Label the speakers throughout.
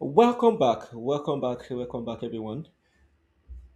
Speaker 1: Welcome back, welcome back, welcome back, everyone.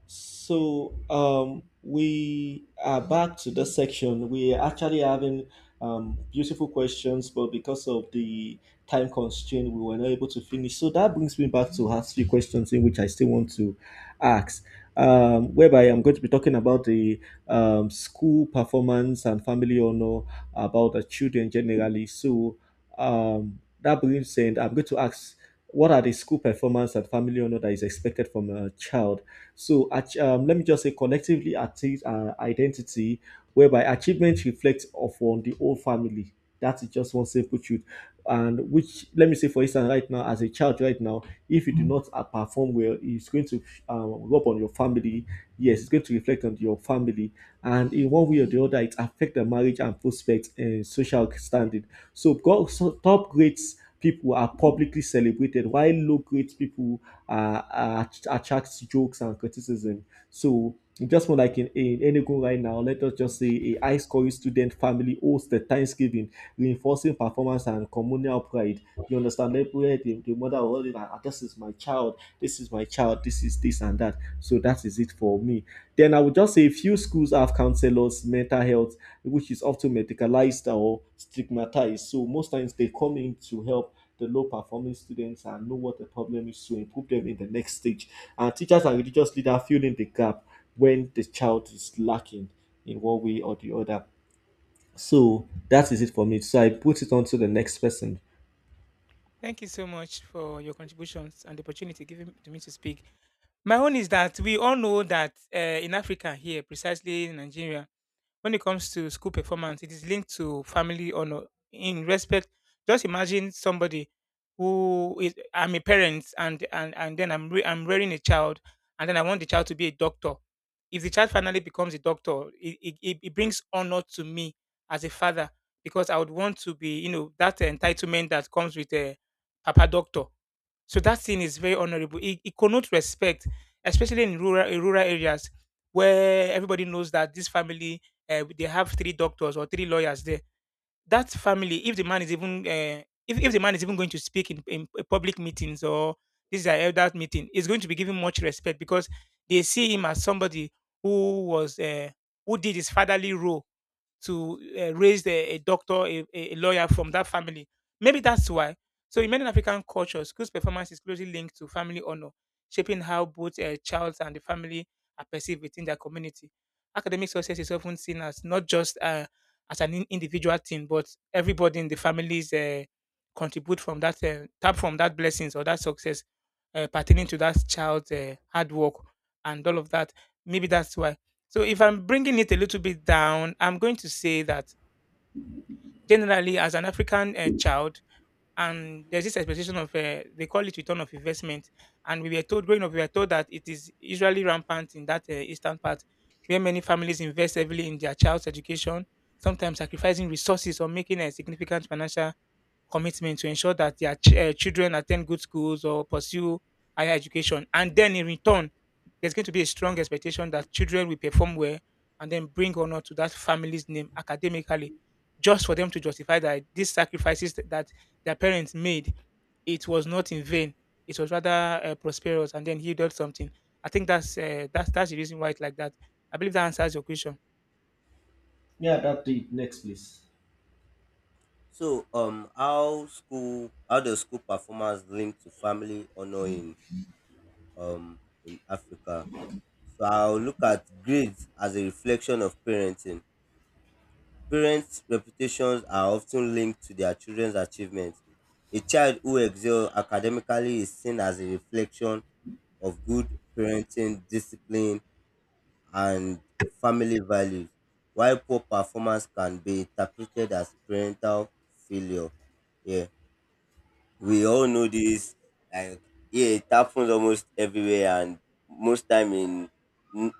Speaker 1: So we are back to this section. We are actually having beautiful questions, but because of the time constraint, we were not able to finish. So that brings me back to ask few questions in which I still want to ask, whereby I'm going to be talking about the school performance and family honor about the children generally. So that brings in, I'm going to ask, what are the school performance and family honor that is expected from a child? So, let me just say collectively achieve identity, whereby achievement reflects upon the whole family. That is just one simple truth. And which, let me say, for instance, right now, as a child, right now, if you do not perform well, it's going to rub on your family. Yes, it's going to reflect on your family, and in one way or the other, it affects the marriage and prospects and social standing. So, so top grades people are publicly celebrated, while low grades people uh, attracts jokes and criticism. So just more like in Enugu right now, let us just say a high scoring student family hosts the Thanksgiving, reinforcing performance and communal pride. You understand? Like, where the mother will always, ah, this is my child, this is my child, this is this and that. So that is it for me. Then I would just say a few schools have counselors, mental health, which is often medicalized or stigmatized. So most times they come in to help the low performing students and know what the problem is to improve them in the next stage. And teachers and religious leaders fill in the gap when the child is lacking in one way or the other. So that is it for me. So I put it on to the next person.
Speaker 2: Thank you so much for your contributions and the opportunity given to me to speak. My own is that we all know that in Africa, here, precisely in Nigeria, when it comes to school performance, it is linked to family honor. In respect, just imagine somebody who is I'm a parent and then I'm I'm rearing a child and then I want the child to be a doctor. If the child finally becomes a doctor, it brings honor to me as a father because I would want to be, you know, that entitlement that comes with a papa doctor. So that thing is very honorable. It connotes respect, especially in rural areas where everybody knows that this family they have three doctors or three lawyers there. That family, if the man is even if the man is even going to speak in public meetings or this is an elder meeting, is going to be given much respect because they see him as somebody who was who did his fatherly role to raise a doctor, a lawyer from that family. Maybe that's why. So in many African cultures, school's performance is closely linked to family honor, shaping how both a child and the family are perceived within their community. Academic success is often seen as not just as an individual thing, but everybody in the families contribute from that tap from that blessings or that success pertaining to that child's hard work and all of that. Maybe that's why. So if I'm bringing it a little bit down, I'm going to say that generally, as an African child, and there's this expectation of they call it return of investment, and we were told growing up, we were told that it is usually rampant in that eastern part, where many families invest heavily in their child's education, sometimes sacrificing resources or making a significant financial commitment to ensure that their children attend good schools or pursue higher education, and then in return there's going to be a strong expectation that children will perform well and then bring honor to that family's name academically, just for them to justify that these sacrifices that their parents made, it was not in vain. It was rather prosperous, and then he did something. I think that's that's the reason why it's like that. I believe that answers your question.
Speaker 1: Yeah, that the next please.
Speaker 3: So, how school, how does school performance link to family honor um in Africa? So I'll look at grades as a reflection of parenting. Parents' reputations are often linked to their children's achievements. A child who excels academically is seen as a reflection of good parenting, discipline, and family values, while poor performance can be interpreted as parental failure. Yeah. We all know this, like, yeah, it happens almost everywhere, and most time in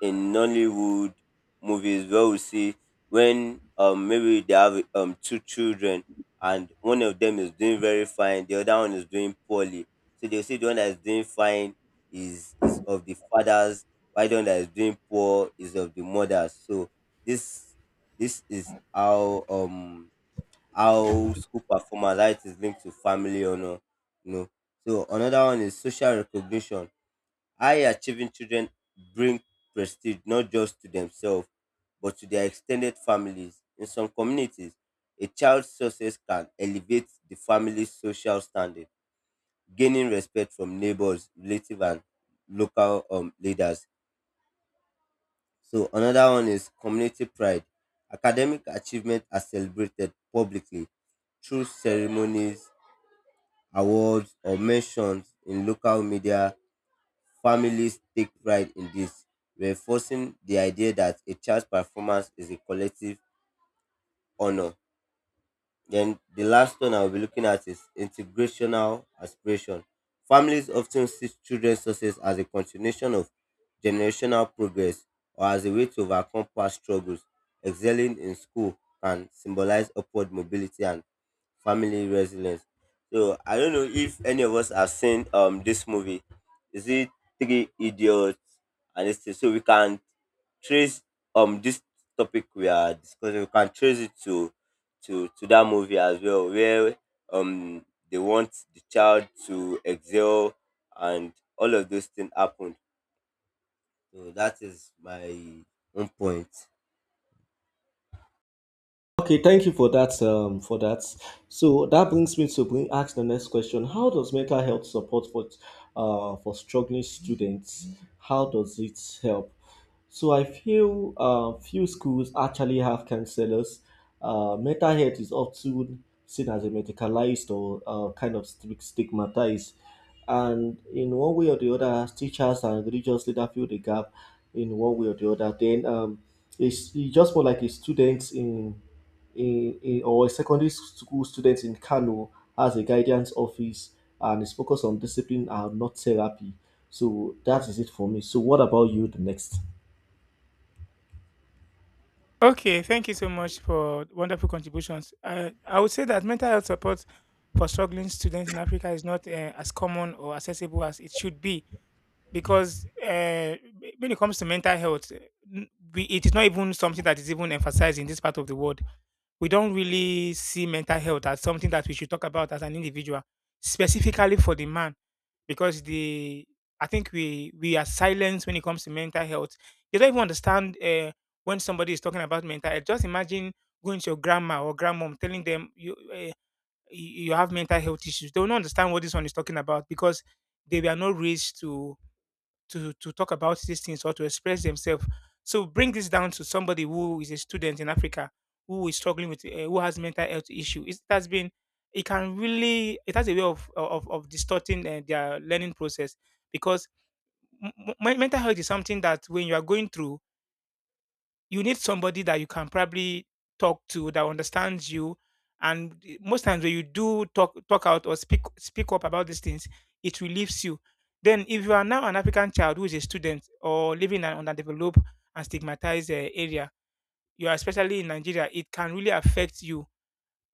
Speaker 3: Nollywood movies, where we see when maybe they have two children and one of them is doing very fine, the other one is doing poorly. So they see the one that is doing fine is of the fathers, while the one that is doing poor is of the mothers. So this this is how how school performance, how it is linked to family honor, you know So another one is social recognition. High achieving children bring prestige not just to themselves, but to their extended families. In some communities, a child's success can elevate the family's social standing, gaining respect from neighbors, relatives, and local leaders. So another one is community pride. Academic achievement are celebrated publicly through ceremonies, awards, or mentions in local media. Families take pride in this, reinforcing the idea that a child's performance is a collective honor. Then the last one I'll be looking at is integrational aspiration. Families often see children's success as a continuation of generational progress or as a way to overcome past struggles. Excelling in school can symbolize upward mobility and family resilience. So I don't know if any of us have seen this movie. Is it Three Idiots? And it's so we can trace this topic we are discussing. We can trace it to to that movie as well, where um they want the child to excel and all of those things happened. So that is my own point.
Speaker 1: Okay, thank you for that. So that brings me to bring ask the next question. How does mental health support for struggling students? How does it help? So I feel few schools actually have counselors. Mental health is often seen as a medicalized or kind of stigmatized, and in one way or the other, teachers and religious leaders fill the gap in one way or the other. It's just more like a student in a or a secondary school student in Kano has a guidance office and is focused on discipline and not therapy. So that is it for me. So what about you the next?
Speaker 2: Okay, thank you so much for wonderful contributions. I would say that mental health support for struggling students in Africa is not as common or accessible as it should be because when it comes to mental health, n- we, it is not even something that is even emphasized in this part of the world. We don't really see mental health as something that we should talk about as an individual, specifically for the man, because the I think we are silenced when it comes to mental health. You don't even understand when somebody is talking about mental health. Just imagine going to your grandma or grandmom telling them you you have mental health issues. They will not understand what this one is talking about because they were not raised to talk about these things or to express themselves. So bring this down to somebody who is a student in Africa who is struggling with who has mental health issue. It has been it can really it has a way of distorting their learning process because m- mental health is something that when you are going through you need somebody that you can probably talk to that understands you. And most times when you do talk out or speak up about these things, it relieves you. Then, if you are now an African child who is a student or living in an underdeveloped and stigmatized area, you are especially in Nigeria, it can really affect you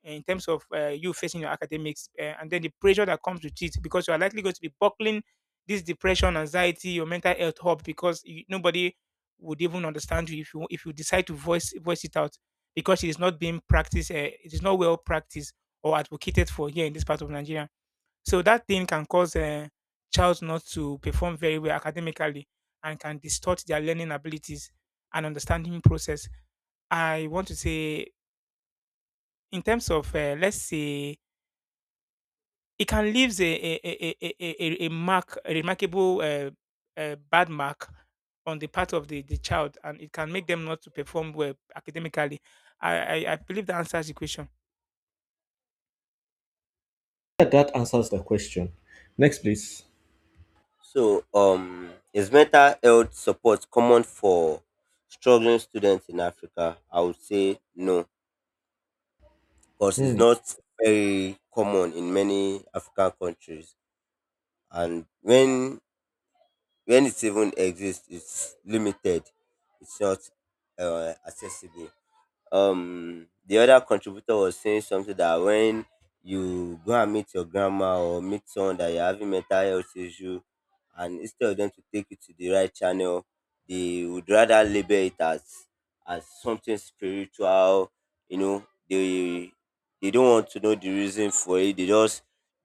Speaker 2: in terms of you facing your academics and then the pressure that comes with it because you are likely going to be buckling this depression, anxiety, your mental health up because you, nobody would even understand you if you decide to voice it out because it is not being practiced, it is not well practiced or advocated for here in this part of Nigeria. So that thing can cause child not to perform very well academically and can distort their learning abilities and understanding process. I want to say, in terms of, let's say, it can leave a mark, a remarkable, bad mark on the part of the child, and it can make them not to perform well academically. I believe that answers the question.
Speaker 1: Yeah, that answers the question. Next please.
Speaker 3: So, is mental health support common for struggling students in Africa? I would say no, because it's
Speaker 1: Hmm.
Speaker 3: not very common in many African countries. And when it even exists, it's limited. It's not accessible. The other contributor was saying something that when you go and meet your grandma or meet someone that you're having mental health issue, and instead of them to take you to the right channel, they would rather label it as something spiritual, you know. They they don't want to know the reason for it. They just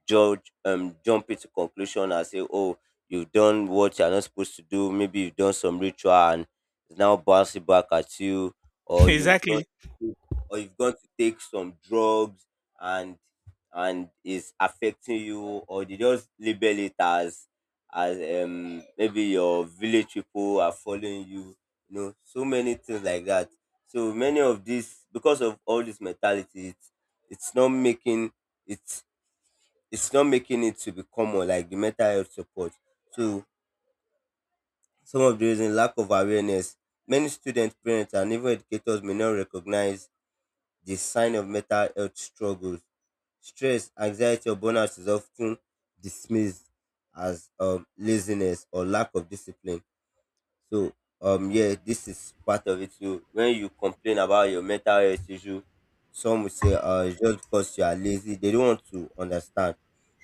Speaker 3: judge, jump into conclusion and say, oh, you've done what you're not supposed to do, maybe you've done some ritual and it's now bouncing back at you, or you've gone
Speaker 2: Exactly.
Speaker 3: to take some drugs and is affecting you. Or they just label it as maybe your village people are following you, you know, so many things like that. So many of these, because of all this mentality, it's not making, it's it's not making it to be common, like the mental health support. So some of the reason, lack of awareness. Many students, parents, and even educators may not recognize the sign of mental health struggles. Stress, anxiety, or burnout is often dismissed as laziness or lack of discipline. So, yeah, this is part of it too. When you complain about your mental health issue, some will say, it's just because you are lazy. They don't want to understand.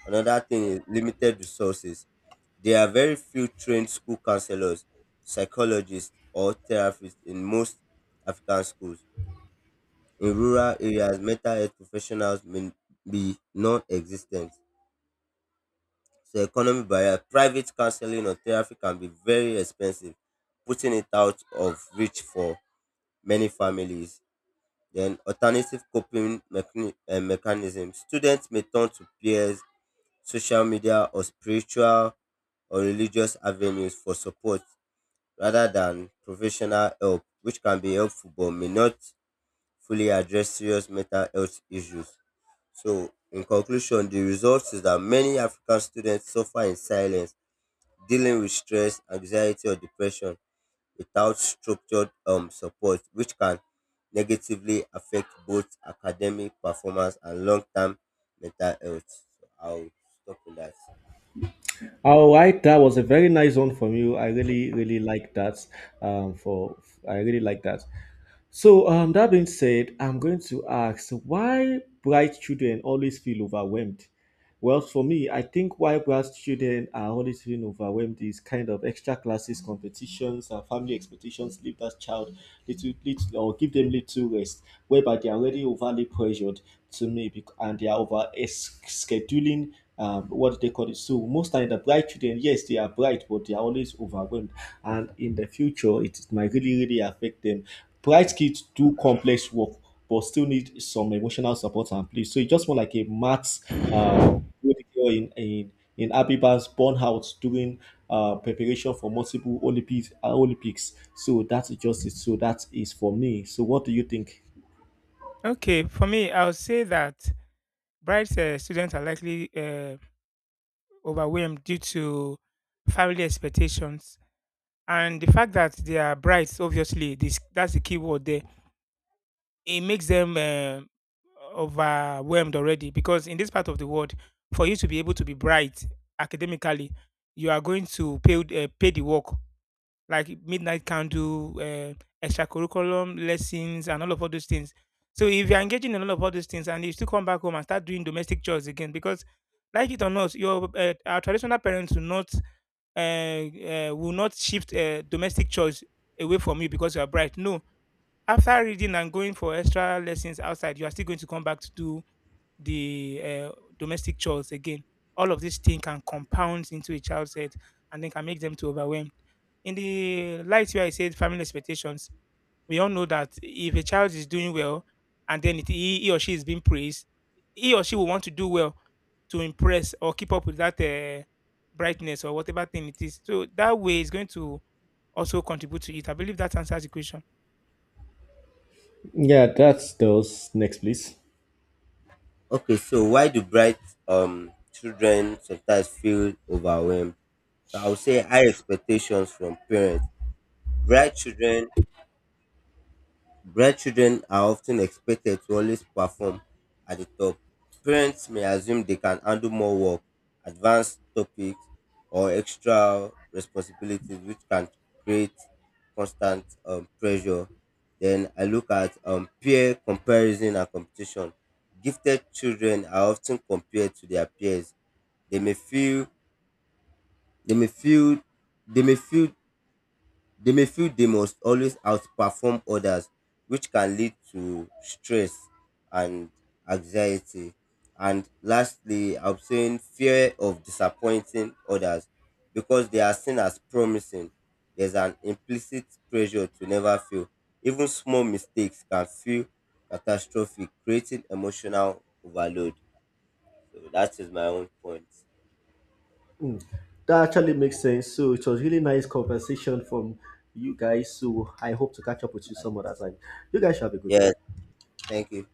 Speaker 3: Another thing is limited resources. There are very few trained school counselors, psychologists, or therapists in most African schools. In rural areas, mental health professionals may be non existent. So, economic barrier, private counseling or therapy can be very expensive, putting it out of reach for many families. Then, alternative coping mechanisms. Students may turn to peers, social media, or spiritual or religious avenues for support rather than professional help, which can be helpful but may not fully address serious mental health issues. So, in conclusion, the result is that many African students suffer in silence, dealing with stress, anxiety, or depression without structured support, which can negatively affect both academic performance and long term mental health. So, I'll stop with that.
Speaker 1: All right, that was a very nice one from you. I really, really like that. For I really like that. So that being said, I'm going to ask why bright children always feel overwhelmed. Well, for me, I think why bright children are always feeling overwhelmed is kind of extra classes, competitions, and family expectations leave that child little or give them little rest, whereby they are already overly pressured and they are scheduling what they call it? So most times the bright children, yes, they are bright, but they are always overwhelmed. And in the future, it might really, really affect them. Bright kids do complex work, but still need some emotional support and play. So it's just more like a maths uh, good girl in in Abiba's burnout during preparation for multiple Olympics. Olympics. So that's just it. So that is for me. So what do you think?
Speaker 2: Okay, for me, I'll say that bright students are likely overwhelmed due to family expectations and the fact that they are brides obviously this that's the key word there. It makes them overwhelmed already because in this part of the world for you to be able to be bright academically you are going to pay the work like midnight candle, extracurriculum lessons and all those things. So if you're engaging in all those things and you still come back home and start doing domestic chores again because like it or not your our traditional parents do not will not shift domestic chores away from you because you are bright. No, after reading and going for extra lessons outside, you are still going to come back to do the domestic chores again. All of these things can compound into a child's head and then can make them to overwhelmed. In the light where I said family expectations, we all know that if a child is doing well and then he or she is being praised, he or she will want to do well to impress or keep up with that brightness or whatever thing it is. So that way is going to also contribute to it. I believe that answers the question.
Speaker 1: Yeah, that's those. Next, please.
Speaker 3: Okay, so why do bright children sometimes feel overwhelmed? So, I would say high expectations from parents. Bright children Bright children are often expected to always perform at the top. Parents may assume they can handle more work, advanced topics, or extra responsibilities, which can create constant pressure. Then I look at peer comparison and competition. Gifted children are often compared to their peers. They may feel they may feel they may feel They may feel they must always outperform others, which can lead to stress and anxiety. And lastly, I'm saying fear of disappointing others, because they are seen as promising. There's an implicit pressure to never fail. Even small mistakes can feel catastrophic, creating emotional overload. So that is my own point.
Speaker 1: That actually makes sense. So it was really nice conversation from you guys. So I hope to catch up with you some other
Speaker 3: Nice.
Speaker 1: time. You guys should have a good day.
Speaker 3: Yes, thank you.